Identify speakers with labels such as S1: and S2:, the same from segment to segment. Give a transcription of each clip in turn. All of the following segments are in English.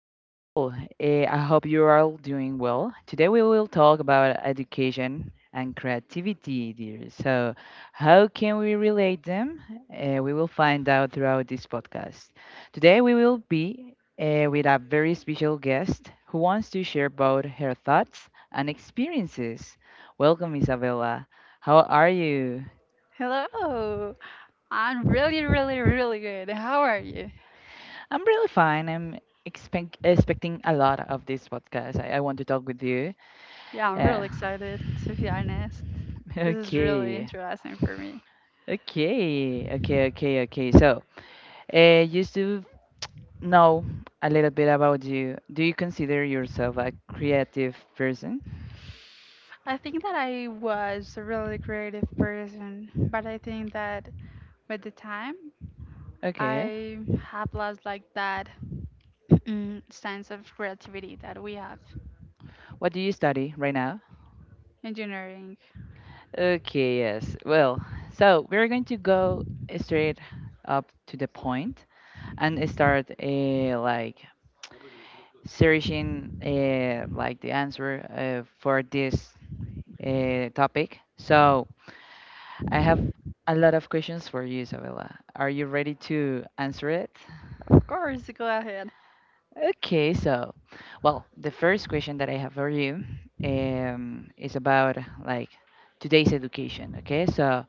S1: How are you all? I hope you're all doing well. Today we will talk about education and creativity, dear. So, how can we relate them? We will find out throughout this podcast. Today we will be with a very special guest who wants to share both her thoughts and experiences. Welcome, Isabella. How are you?
S2: Oh, I'm really good. How are you?
S1: I'm really fine. I'm expecting a lot of this podcast. I want to talk with you.
S2: Yeah, I'm
S1: Uh,
S2: really excited, to be honest. This is really
S1: okay,
S2: interesting for me.
S1: okay, okay, okay, okay. So, just to know a little bit about you, do you consider yourself a creative person?
S2: I think that I was a really creative person, but I think that with the time,
S1: Okay.
S2: I have lost like that sense of creativity that we have.
S1: What do you study right now?
S2: Engineering.
S1: Okay, yes. Well, so we're going to go straight up to the point and start like searching like the answer for this topic. So I have a lot of questions for you, Isabella. Are you ready to answer it?
S2: Of course, go ahead.
S1: Okay, so, well, the first question that I have for you is about like today's education. Okay, so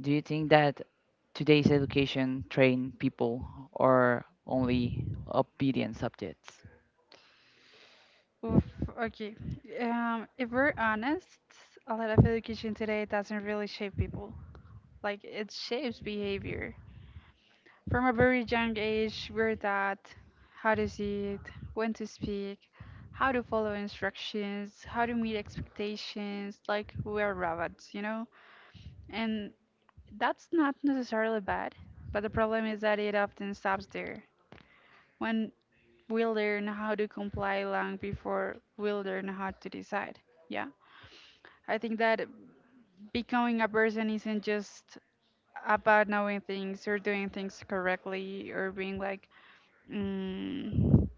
S1: do you think that today's education train people or only obedient subjects?
S2: Oof, okay. If we're honest, a lot of education today doesn't really shape people. Like it shapes behavior. From a very young age, we're taught how to sit, when to speak, how to follow instructions, how to meet expectations, like we're robots, you know? And that's not necessarily bad, but the problem is that it often stops there. When we learn how to comply long before we learn how to decide, yeah? I think that becoming a person isn't just about knowing things or doing things correctly or being like mm,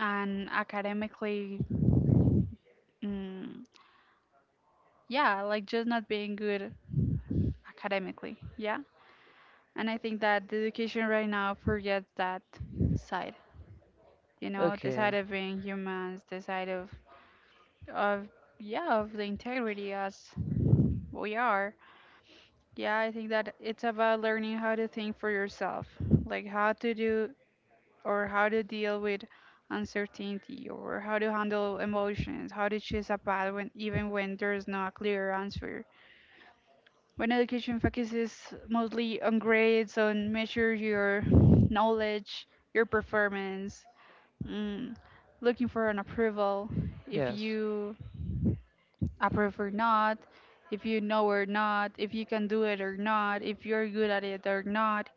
S2: and academically, mm, yeah, like just not being good academically, yeah. And I think that the education right now forgets that side, the side
S1: Okay,
S2: of being humans, the side of yeah, of the integrity as we are. Yeah, I think that it's about learning how to think for yourself, like how to do or how to deal with uncertainty or how to handle emotions, how to choose a path when even when there's no clear answer. When education focuses mostly on grades, on measure your knowledge, your performance, mm, looking for an approval, if
S1: yes.
S2: you approve or not, if you know or not, if you can do it or not, if you're good at it or not.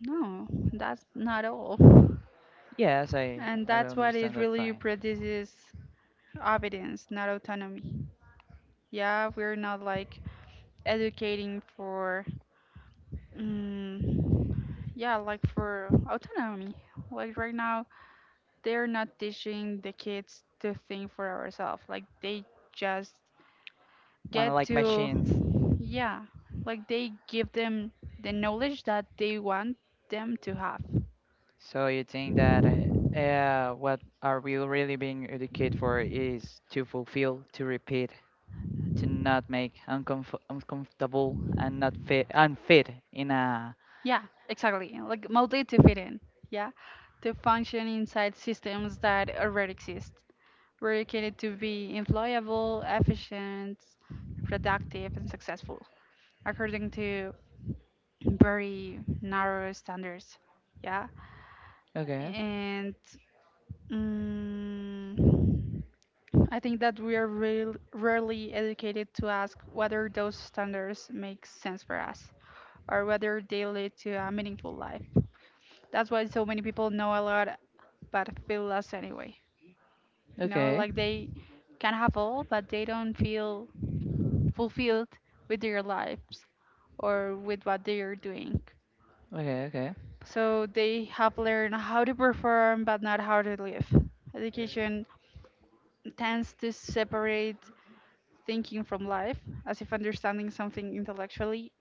S2: No, that's not all.
S1: Yes, I
S2: And
S1: I really
S2: that's what it
S1: understand that
S2: really
S1: point.
S2: produces obedience, not autonomy. Yeah, we're not like educating for, mm yeah, like for autonomy. Like right now, they're not teaching the kids to think for ourselves. Like they just
S1: One
S2: get
S1: like machines.
S2: to, yeah, like they give them the knowledge that they want them to have.
S1: So you think that what are we really being educated for is to fulfill, to repeat, to not make uncomfortable and not fit unfit in a.
S2: Yeah, exactly. Like mostly to fit in. Yeah, to function inside systems that already exist. We're looking it to be employable, efficient, productive, and successful according to very narrow standards. Yeah,
S1: Okay,
S2: and mm, I think that we are real, rarely educated to ask whether those standards make sense for us or whether they lead to a meaningful life. That's why so many people know a lot but feel lost anyway. You know,
S1: okay,
S2: like they can have all, but they don't feel fulfilled with their lives or with what they are doing.
S1: okay, okay.
S2: So they have learned how to perform but not how to live. Education tends to separate thinking from life, as if understanding something intellectually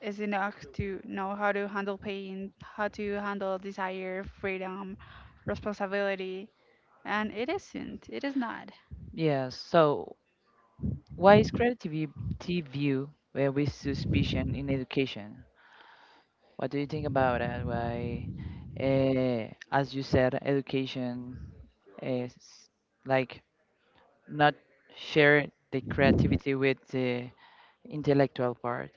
S2: is enough to know how to handle pain, how to handle desire, freedom, responsibility, and it isn't. It is not.
S1: Yes. So why is creativity viewed with suspicion in education? What do you think about that? Why, as you said, education is like not share the creativity with the intellectual part.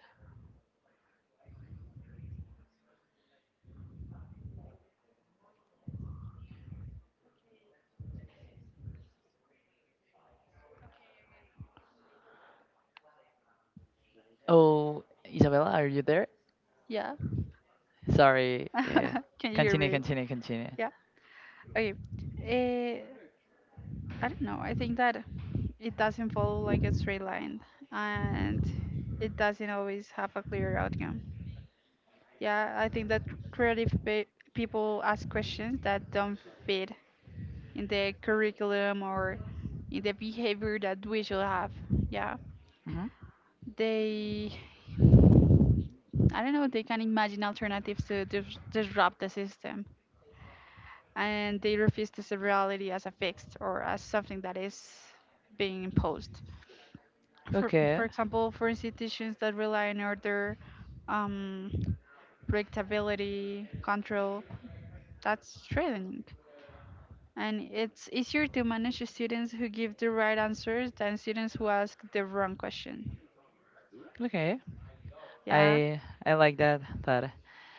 S1: Oh, Isabella, are you there?
S2: Yeah.
S1: Sorry. Uh,
S2: Can you hear
S1: continue,
S2: me?
S1: continue, continue.
S2: Yeah. Okay. Eh. I don't know. I think that it doesn't follow like a straight line and it doesn't always have a clear outcome. Yeah, I think that creative pe- people ask questions that don't fit in the curriculum or in the behavior that we should have. Yeah,
S1: Hmm.
S2: they, I don't know, they can imagine alternatives to disrupt the system and they refuse to see reality as a fixed or as something that is being imposed. for
S1: Okay,
S2: for example, for institutions that rely on order, um, predictability, control, that's threatening, and it's easier to manage students who give the right answers than students who ask the wrong question,
S1: okay.
S2: yeah.
S1: I I like that thought.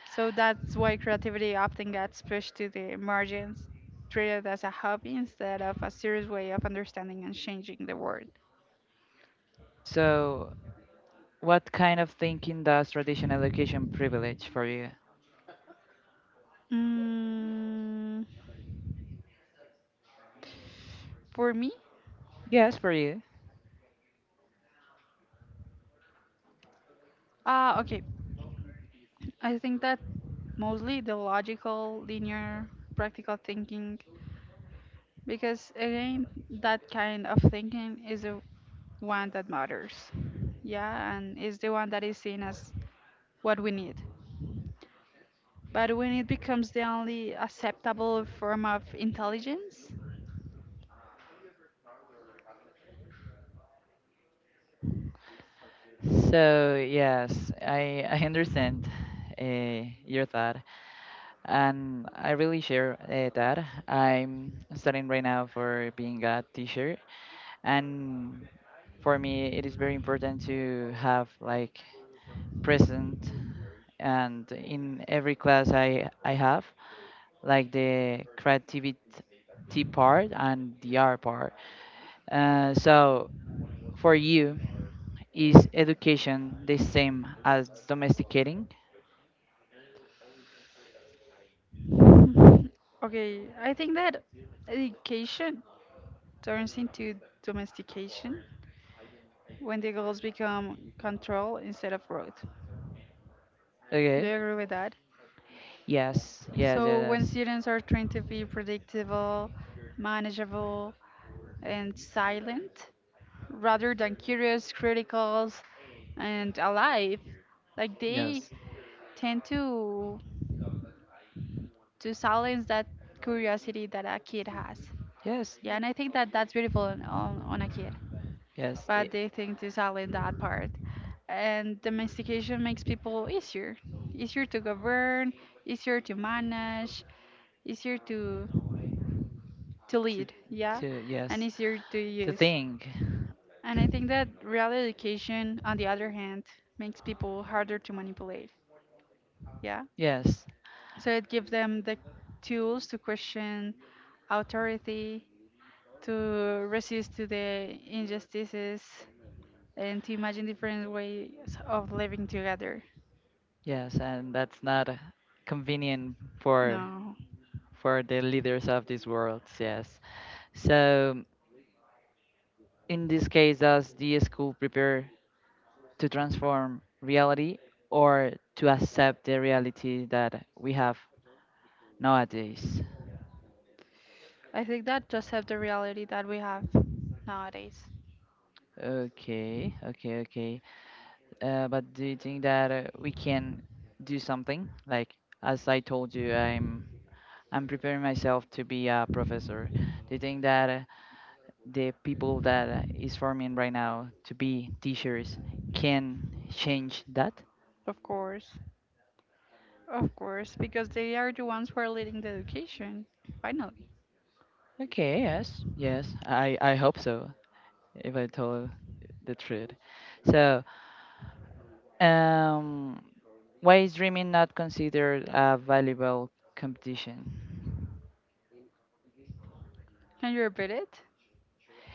S2: So that's why creativity often gets pushed to the margins, treated as a hobby instead of a serious way of understanding and changing the world.
S1: So, what kind of thinking does traditional education privilege for you?
S2: mm, for me,
S1: Yes, for you.
S2: okay, I think that mostly the logical, linear, practical thinking, because again, that kind of thinking is the one that matters. Yeah, and is the one that is seen as what we need. But when it becomes the only acceptable form of intelligence.
S1: So yes, I understand your thought, and I really share that. I'm studying right now for being a teacher, and for me, it is very important to have like present and in every class I have like the creativity part and the art part. So. For you, is education the same as domesticating?
S2: Hmm. Okay, I think that education turns into domestication when the goals become control instead of growth. Do
S1: Okay.
S2: you agree with that?
S1: Yes, yes,
S2: So
S1: yes,
S2: when
S1: yes.
S2: students are trained to be predictable, manageable, and silent, rather than curious, critical, and alive, like they
S1: Yes.
S2: tend to silence that curiosity that a kid has.
S1: Yes.
S2: Yeah, and I think that that's beautiful on a kid,
S1: Yes, it,
S2: but they think to silence that part. And domestication makes people easier, easier to govern, easier to manage, easier to
S1: to,
S2: lead, yeah,
S1: to
S2: and
S1: yes,
S2: easier to
S1: to
S2: use.
S1: think.
S2: And I think that real education, on the other hand, makes people harder to manipulate, yeah.
S1: Yes,
S2: So it gives them the tools to question authority, to resist to the injustices, and to imagine different ways of living together.
S1: yes, and that's not convenient for
S2: No,
S1: for the leaders of these worlds. Yes. So, in this case, does the school prepare to transform reality or to accept the reality that we have nowadays?
S2: I think that just have the reality that we have nowadays.
S1: Okay, okay, okay. But do you think that we can do something? Like, as I told you, I'm preparing myself to be a professor. Do you think that the people that is forming right now to be teachers can change that?
S2: Of course. Of course, because they are the ones who are leading the education. Finally.
S1: Okay, yes, yes. I hope so, if I told the truth. So, um, why is dreaming not considered a valuable competition?
S2: Can you repeat it,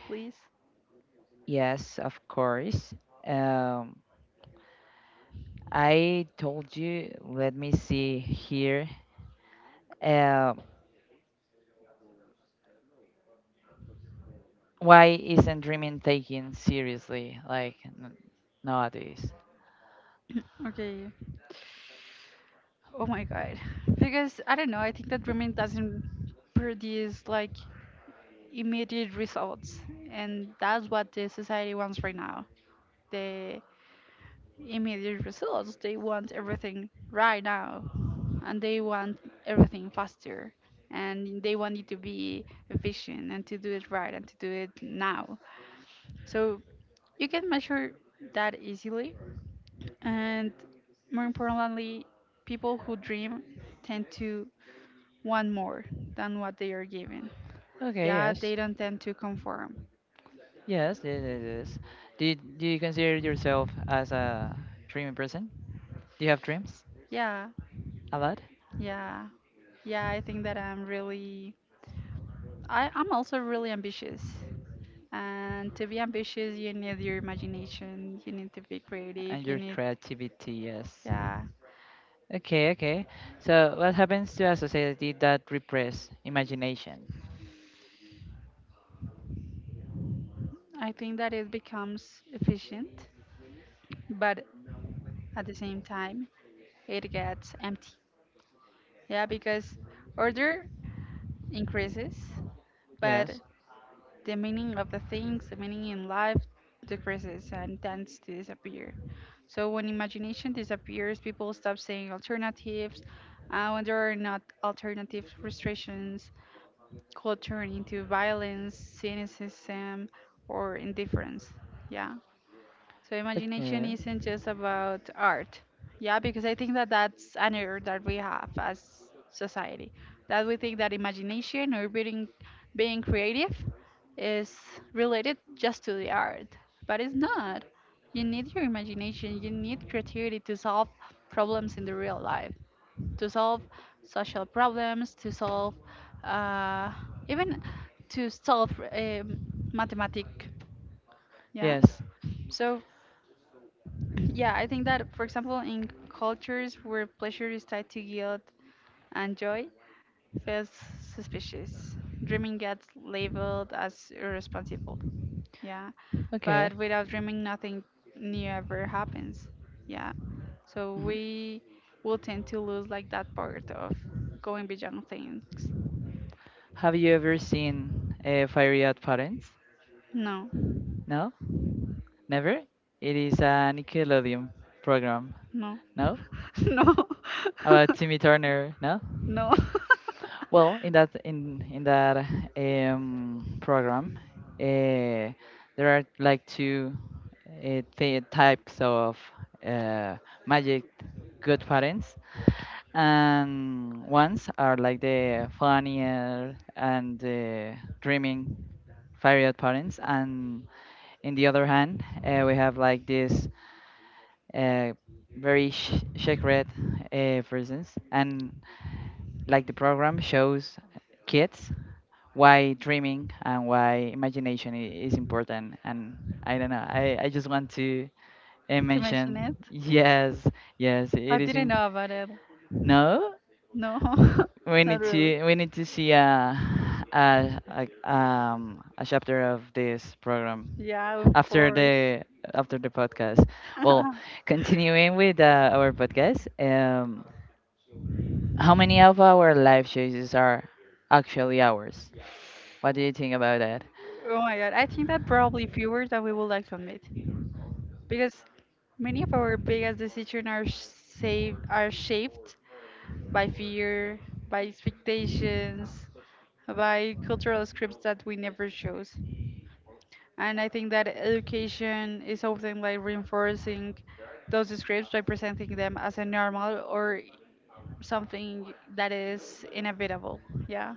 S2: please?
S1: Yes, of course. Um, I told you, let me see here. Um, why isn't dreaming taken seriously like nowadays?
S2: Okay. Oh my God. Because I don't know, I think that dreaming doesn't produce like immediate results. And that's what the society wants right now. The immediate results. They want everything right now. And they want everything faster. And they want it to be efficient and to do it right and to do it now. So you can measure that easily. And more importantly, people who dream tend to want more than what they are given.
S1: Okay,
S2: Yeah,
S1: yes.
S2: they don't tend to conform.
S1: Yes, yes, yes, yes. Do you consider yourself as a dreaming person? Do you have dreams?
S2: Yeah,
S1: A lot,
S2: yeah, yeah, I think that I'm really, I'm also really ambitious. And to be ambitious, you need your imagination, you need to be creative,
S1: and
S2: you
S1: your
S2: need,
S1: creativity, yes.
S2: yeah,
S1: Okay, okay, so what happens to a society that repress imagination?
S2: I think that it becomes efficient, but at the same time, it gets empty. Yeah, because order increases, but
S1: Yes.
S2: the meaning of the things, the meaning in life decreases and tends to disappear. So when imagination disappears, people stop seeing alternatives. When there are not alternatives, frustrations could turn into violence, cynicism, or indifference. Yeah. So imagination
S1: Okay.
S2: isn't just about art. Yeah, because I think that that's an error that we have as society. That we think that imagination or being creative is related just to the art, but it's not. You need your imagination, you need creativity to solve problems in the real life, to solve social problems, to solve uh, even to solve mathematic. Yeah.
S1: Yes.
S2: So yeah, I think that, for example, in cultures where pleasure is tied to guilt and joy, feels suspicious. Dreaming gets labeled as irresponsible. Yeah.
S1: Okay.
S2: But without dreaming, nothing new ever happens. Yeah. So
S1: Mhm.
S2: we will tend to lose like that part of going beyond things.
S1: Have you ever seen Fiery at Parents?
S2: No,
S1: No? Never? It is a Nickelodeon program.
S2: no,
S1: No?
S2: no,
S1: About Timmy Turner? No?
S2: no.
S1: Well, in that program, uh, there are like two th types of uh, magic good parents. And ones are like the funnier and the dreaming fiery parents, and in the other hand we have like this uh, very secret presence, and like the program shows kids why dreaming and why imagination is important, and I don't know, I just want to
S2: Mention
S1: mention.
S2: it,
S1: Yes, yes,
S2: I
S1: it is
S2: didn't
S1: in.
S2: know about it.
S1: No,
S2: No?
S1: we
S2: Not
S1: need
S2: really.
S1: to see a, a a chapter of this program
S2: Yeah, of
S1: after
S2: course.
S1: the after the podcast. Well, continuing with our podcast, how many of our life choices are actually ours? What do you think about that?
S2: Oh my God, I think that probably fewer that we would like to admit because many of our biggest decisions are saved, are shaped by fear, by expectations, by cultural scripts that we never chose. And I think that education is often like reinforcing those scripts by presenting them as a normal or something that is inevitable. Yeah.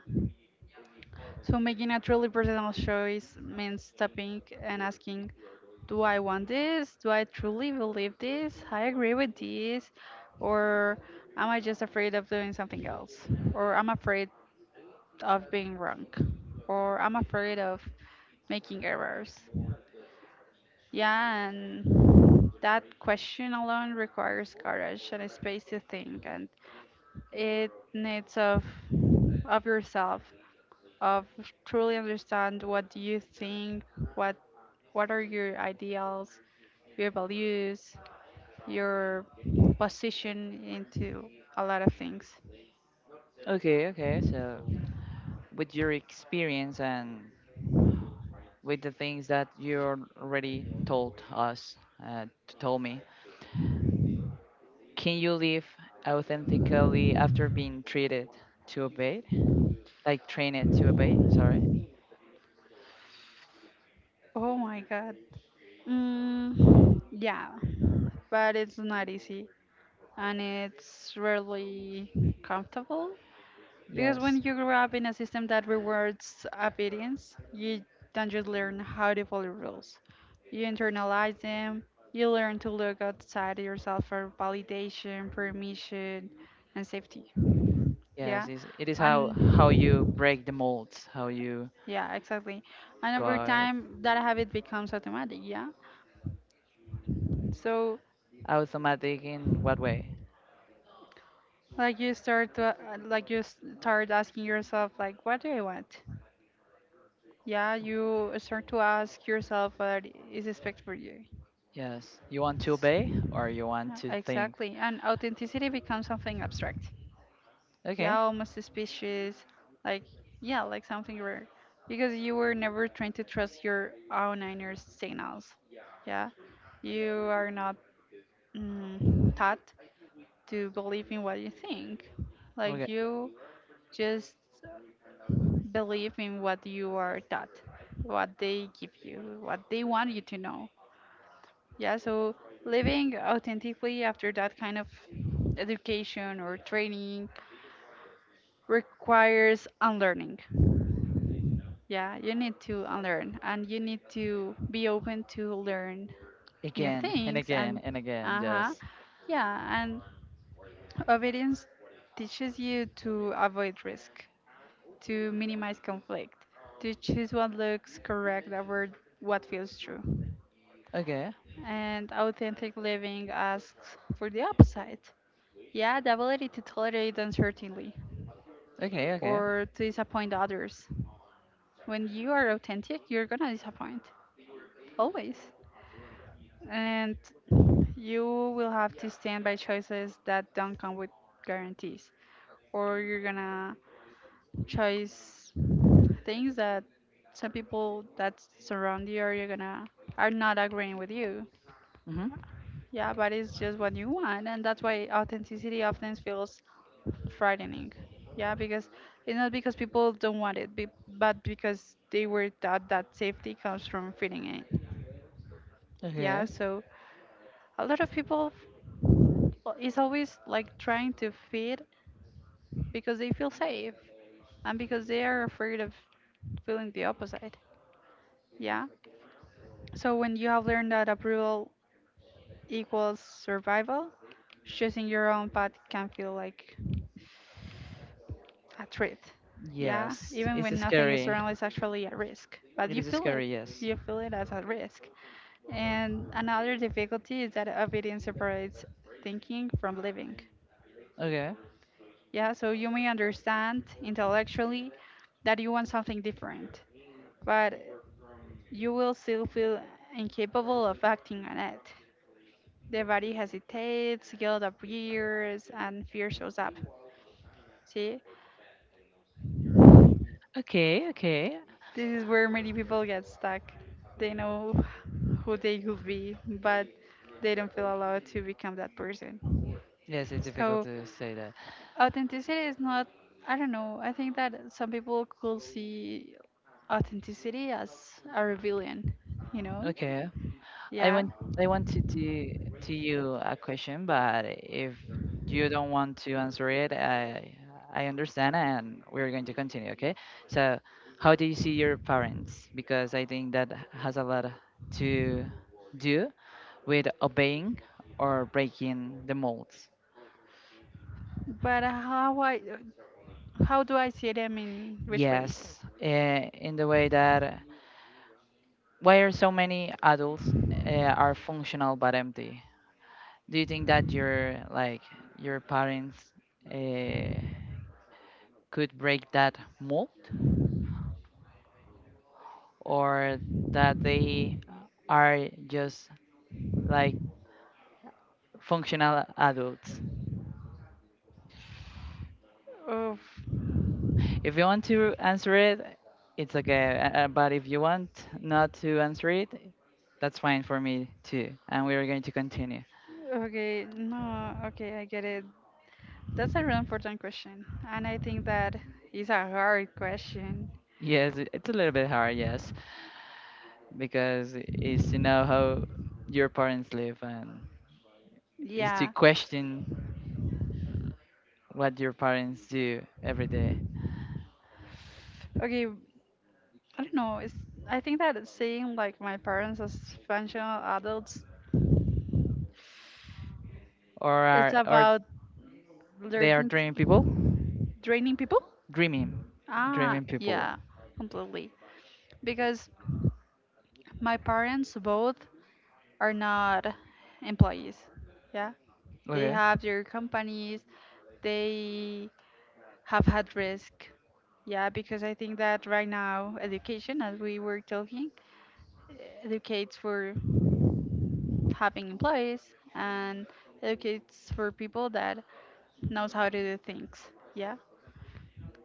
S2: So making a truly personal choice means stopping and asking, do I want this? Do I truly believe this? I agree with this. Or am I just afraid of doing something else? Or I'm afraid of being wrong? Or I'm afraid of making errors. Yeah, and that question alone requires courage and a space to think, and it needs of yourself, of truly understand what do you think, what what are your ideals, your values, your position into a lot of things.
S1: Okay, okay. So, with your experience and with the things that you already told us, told me, can you live authentically after being treated to obey? Like trained to obey? Sorry.
S2: Oh my God. Mm, yeah, but it's not easy, and it's rarely comfortable. Because when
S1: Yes.
S2: you grow up in a system that rewards obedience, you don't just learn how to follow rules, you internalize them, you learn to look outside yourself for validation, permission, and safety.
S1: Yes.
S2: Yeah?
S1: It is how
S2: And
S1: how you break the molds. How you
S2: yeah, exactly. And
S1: go
S2: over
S1: out.
S2: time, that habit becomes automatic. Yeah? So,
S1: Automatic in what way?
S2: like you start to like you start asking yourself, like, what do I want? Yeah, you start to ask yourself what is expected for you.
S1: Yes. You want to obey or you want to think?
S2: Exactly. And authenticity becomes something abstract. Yeah,
S1: Okay.
S2: almost suspicious. Like, yeah, like something rare. Because you were never trained to trust your own inner signals. Yeah. You are not taught to believe in what you think. Like,
S1: Okay.
S2: you just believe in what you are taught, what they give you, what they want you to know. Yeah, so living authentically after that kind of education or training requires unlearning. Yeah, you need to unlearn and you need to be open to learn new
S1: Again and
S2: things
S1: again
S2: and
S1: and again.
S2: uh-huh.
S1: Yes.
S2: Yeah, and obedience teaches you to avoid risk, to minimize conflict, to choose what looks correct over what feels true.
S1: Okay.
S2: And authentic living asks for the opposite. Yeah, the ability to tolerate uncertainty
S1: Okay. Okay.
S2: or to disappoint others. When you are authentic, you're gonna disappoint, always. And you will have to stand by choices that don't come with guarantees, or you're gonna choose things that some people that surround you are gonna are not agreeing with you.
S1: Mhm.
S2: Yeah, but it's just what you want, and that's why authenticity often feels frightening. Yeah, because it's not because people don't want it, but because they were taught that safety comes from feeding it.
S1: Okay.
S2: Yeah, so a lot of people is always like trying to feed because they feel safe and because they are afraid of feeling the opposite. Yeah. So when you have learned that approval equals survival, choosing your own path can feel like a threat. Yeah,
S1: Yes.
S2: even
S1: It's
S2: when nothing is
S1: scary.
S2: around, it's actually a risk. But
S1: It is scary. Yes.
S2: you feel it as a risk. And another difficulty is that obedience separates thinking from living.
S1: Okay.
S2: Yeah, so you may understand intellectually that you want something different, but you will still feel incapable of acting on it. The body hesitates, guilt appears, and fear shows up. See?
S1: Okay. Okay.
S2: This is where many people get stuck. They know who they could be, but they don't feel allowed to become that person.
S1: Yes, it's difficult
S2: So,
S1: to say that.
S2: authenticity is not, I don't know, I think that some people could see authenticity as a rebellion, you know?
S1: Okay. I
S2: Yeah.
S1: want I want to do to you a question, but if you don't want to answer it, I understand, and we're going to continue. Okay. So, how do you see your parents? Because I think that has a lot to do with obeying or breaking the molds.
S2: But how do I see them in which way?
S1: Yes, in the way that why are so many adults are functional but empty? Do you think that your, like your parents, uh, could break that mold, or that they are just like functional adults?
S2: Oof.
S1: If you want to answer it, it's okay. But if you want not to answer it, that's fine for me too. And we are going to continue.
S2: Okay, no, okay, I get it. That's a really important question, and I think that is a hard question.
S1: Yes, it's a little bit hard, yes, because it's to know how your parents live, and it's to
S2: Yeah.
S1: question what your parents do every day,
S2: Okay, I don't know. It's I think that seeing like my parents as functional adults,
S1: or
S2: it's
S1: are, or
S2: about
S1: they are
S2: learning,
S1: dreaming people,
S2: draining people.
S1: dreaming,
S2: Ah,
S1: dreaming people.
S2: yeah, completely. Because my parents both are not employees. Yeah, they
S1: Okay.
S2: have their companies. They have had risk. Yeah, because I think that right now education, as we were talking, educates for having employees and educates for people that knows how to do things. Yeah,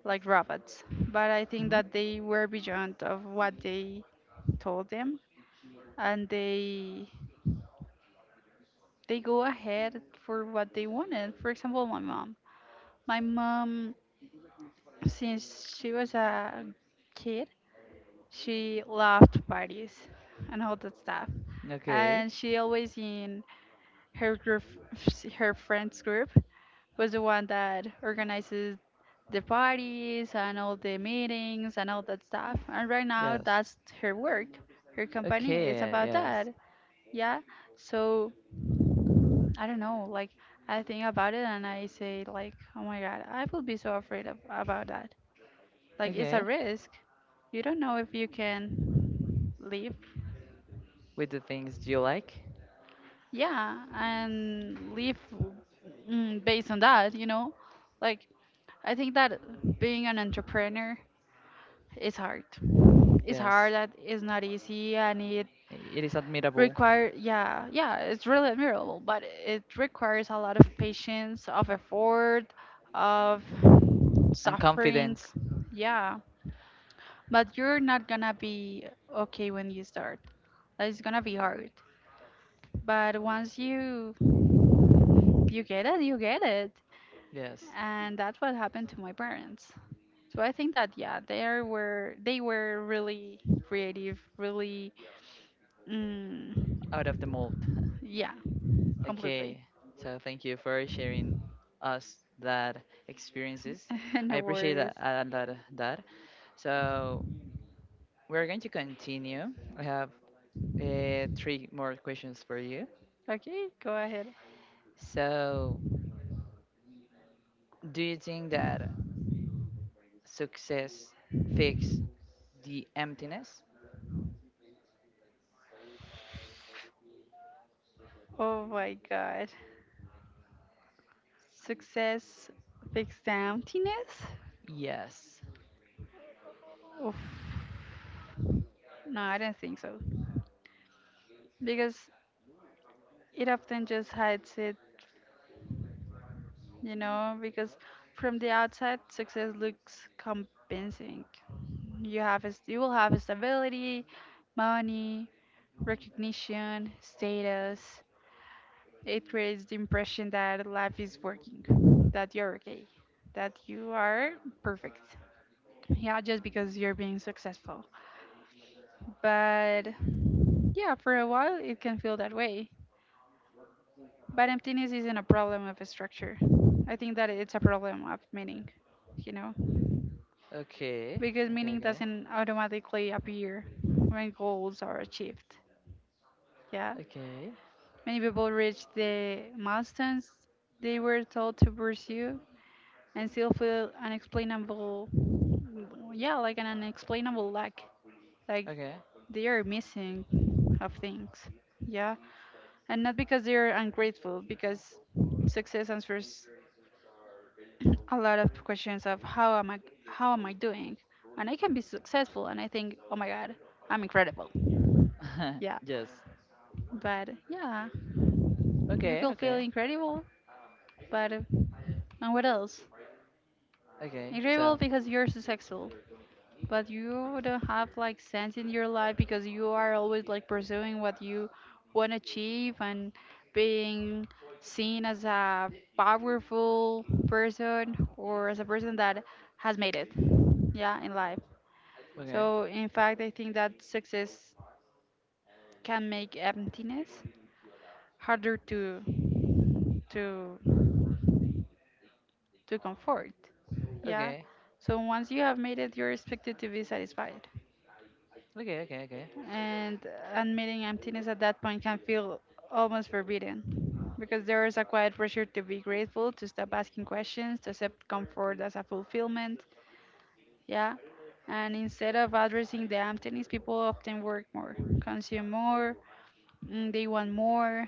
S2: like robots. But I think
S1: Hmm.
S2: that they were beyond of what they told them, and they go ahead for what they wanted. For example, my mom. My mom, since she was a kid, she loved parties and all that stuff.
S1: Okay.
S2: And she always in her group, her friends group, was the one that organizes the parties and all the meetings and all that stuff. And right now,
S1: Yes.
S2: that's her work. Her company is
S1: Okay.
S2: about that.
S1: Yes.
S2: Yeah. So I don't know. Like I think about it and I say like, oh my god, I will be so afraid of, about that. Like it's
S1: Okay.
S2: a risk. You don't know if you can live.
S1: With the things you like.
S2: Yeah, and live based on that. You know, like I think that being an entrepreneur is hard. It's
S1: Yes.
S2: hard. That it's not easy, and it
S1: It is admirable,
S2: require yeah, it's really admirable, but it requires a lot of patience, of effort, of
S1: and
S2: suffering.
S1: confidence.
S2: Yeah, but you're not gonna be okay when you start. Like, it's gonna be hard, but once you get it, you get it.
S1: Yes.
S2: And that's what happened to my parents. So I think that yeah, they were really creative, really mm,
S1: Out of the mold.
S2: yeah, completely.
S1: Okay, so thank you for sharing us that experiences. I
S2: No
S1: appreciate that
S2: worries.
S1: a lot, that. So we're going to continue. I have three more questions for you.
S2: Okay, go ahead.
S1: So do you think that success fixes the emptiness?
S2: Oh my god. Success fix emptiness?
S1: Yes.
S2: Oof. No, I don't think so. Because it often just hides it, you know, because from the outside success looks compensing. You will have stability, money, recognition, status. It creates the impression that life is working, that you're okay, that you are perfect. Yeah, just because you're being successful. But yeah, for a while it can feel that way. But emptiness isn't a problem of structure. I think that it's a problem of meaning, you know?
S1: Okay.
S2: Because
S1: Okay.
S2: meaning
S1: Okay.
S2: doesn't automatically appear when goals are achieved. Yeah.
S1: Okay.
S2: Many people reach the milestones they were told to pursue and still feel unexplainable, yeah, like an unexplainable lack, like
S1: Okay.
S2: they are missing of things, yeah, and not because they're ungrateful, because success answers a lot of questions of how am I doing. And I can be successful and I think oh my god, I'm incredible. Yeah,
S1: yes.
S2: but yeah, you
S1: Okay.
S2: could
S1: Okay.
S2: feel incredible, but and what else,
S1: Okay. So.
S2: incredible because you're successful. But you don't have like sense in your life because you are always like pursuing what you want to achieve and being seen as a powerful person or as a person that has made it, yeah, in life.
S1: Okay.
S2: So, in fact, I think that success can make emptiness harder to to comfort. Yeah.
S1: Okay.
S2: So once you have made it, you're expected to be satisfied.
S1: Okay, okay, okay.
S2: And admitting emptiness at that point can feel almost forbidden because there is a quiet pressure to be grateful, to stop asking questions, to accept comfort as a fulfillment. Yeah. And instead of addressing the emptiness, people often work more, consume more, they want more.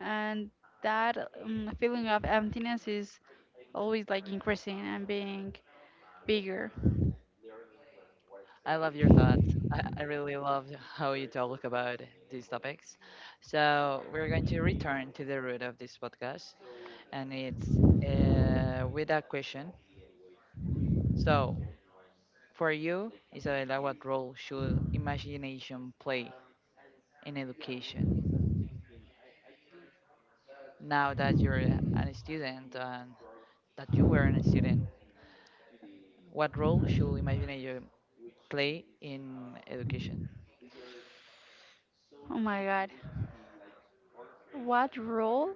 S2: And that feeling of emptiness is always like increasing and being bigger.
S1: I love your thoughts. I really love how you talk about these topics. So we're going to return to the root of this podcast, and it's with a question. So for you, Isabella, what role should imagination play in education? Now that you're a student and that you were a student, what role should imagination play in education?
S2: Oh my god. What role.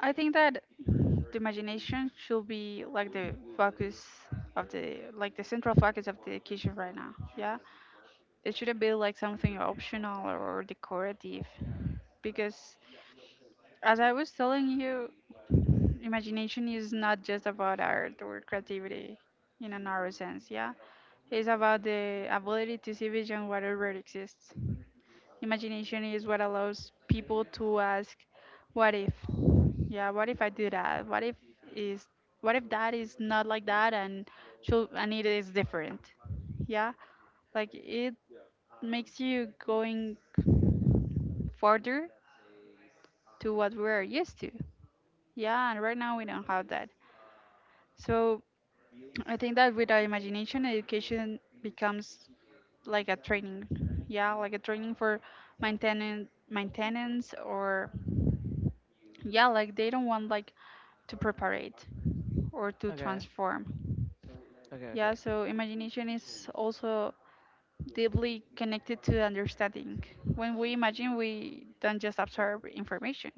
S2: I think that the imagination should be like the focus of the, like the central focus of the kitchen right now. Yeah, it shouldn't be like something optional or decorative, because as I was telling you, imagination is not just about art or creativity in a narrow sense. Yeah, it's about the ability to see beyond what already exists. Imagination is what allows people to ask, what if? Yeah, what if I do that? What if is what if that is not like that and should, and it is different? Yeah, like it makes you going further to what we're used to. Yeah, and right now we don't have that. So I think that with our imagination, education becomes like a training, yeah, like a training for maintenance or, yeah, like they don't want like to prepare it or to
S1: Okay.
S2: transform.
S1: Okay. Okay.
S2: Yeah, so imagination is also deeply connected to understanding. When we imagine, we don't just absorb information,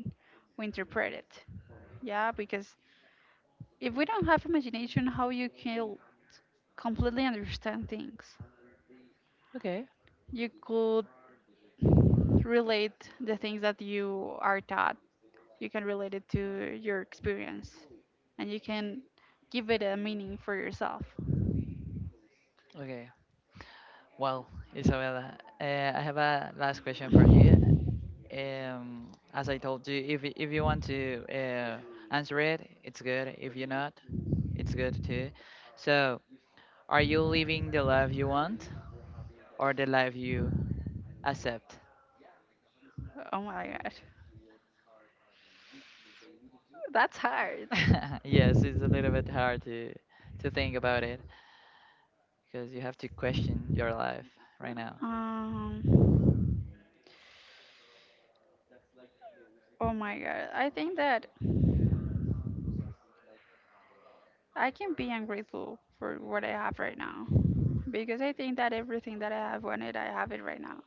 S2: we interpret it. Yeah, because if we don't have imagination, how you can completely understand things?
S1: Okay.
S2: You could relate the things that you are taught, you can relate it to your experience, and you can give it a meaning for yourself.
S1: Okay. Well, Isabella, I have a last question for you. As I told you, if you want to answer it, it's good. If you're not, it's good too. So, are you living the life you want, or the life you accept?
S2: Oh my god, that's hard.
S1: Yes, it's a little bit hard to think about it, because you have to question your life right now.
S2: Um, oh my god, I think that I can be ungrateful for what I have right now because I think that everything that I have wanted, I have it right now.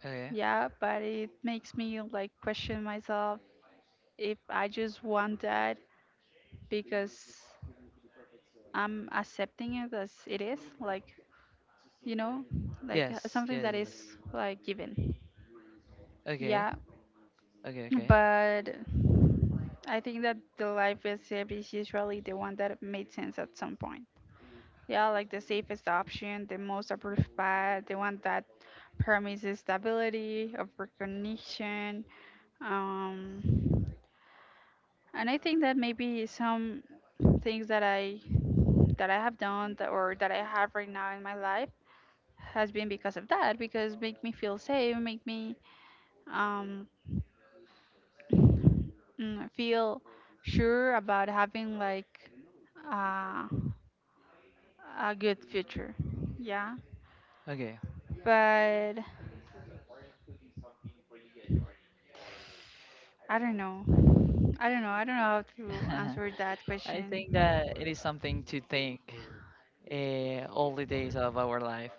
S1: Okay.
S2: Yeah, but it makes me like question myself if I just want that because I'm accepting it as it is. Like, you know, like
S1: Yes,
S2: something
S1: yes,
S2: that
S1: yes.
S2: is like given.
S1: Okay,
S2: Yeah,
S1: okay, okay,
S2: but I think that the life recipe is usually the one that made sense at some point. Yeah, like the safest option, the most approved path, the one that promises stability of recognition. Um, and I think that maybe some things that I have done that, or that I have right now in my life has been because of that, because make me feel safe, make me um feel sure about having like uh, a good future. Yeah,
S1: okay.
S2: but I don't know. I don't know. I don't know how to answer that
S1: I think
S2: question.
S1: that it is something to think all the days of our life,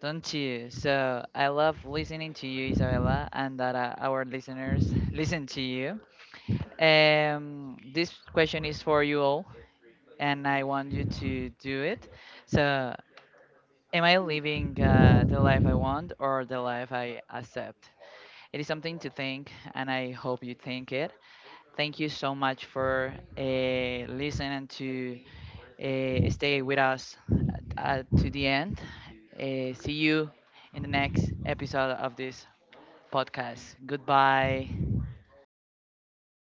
S1: don't you? So I love listening to you, Isabella, and that our listeners listen to you. This question is for you all, and I want you to do it. So, am I living the life I want or the life I accept? It is something to think, and I hope you think it. Thank you so much for listening to stay with us to the end. See you in the next episode of this podcast. Goodbye.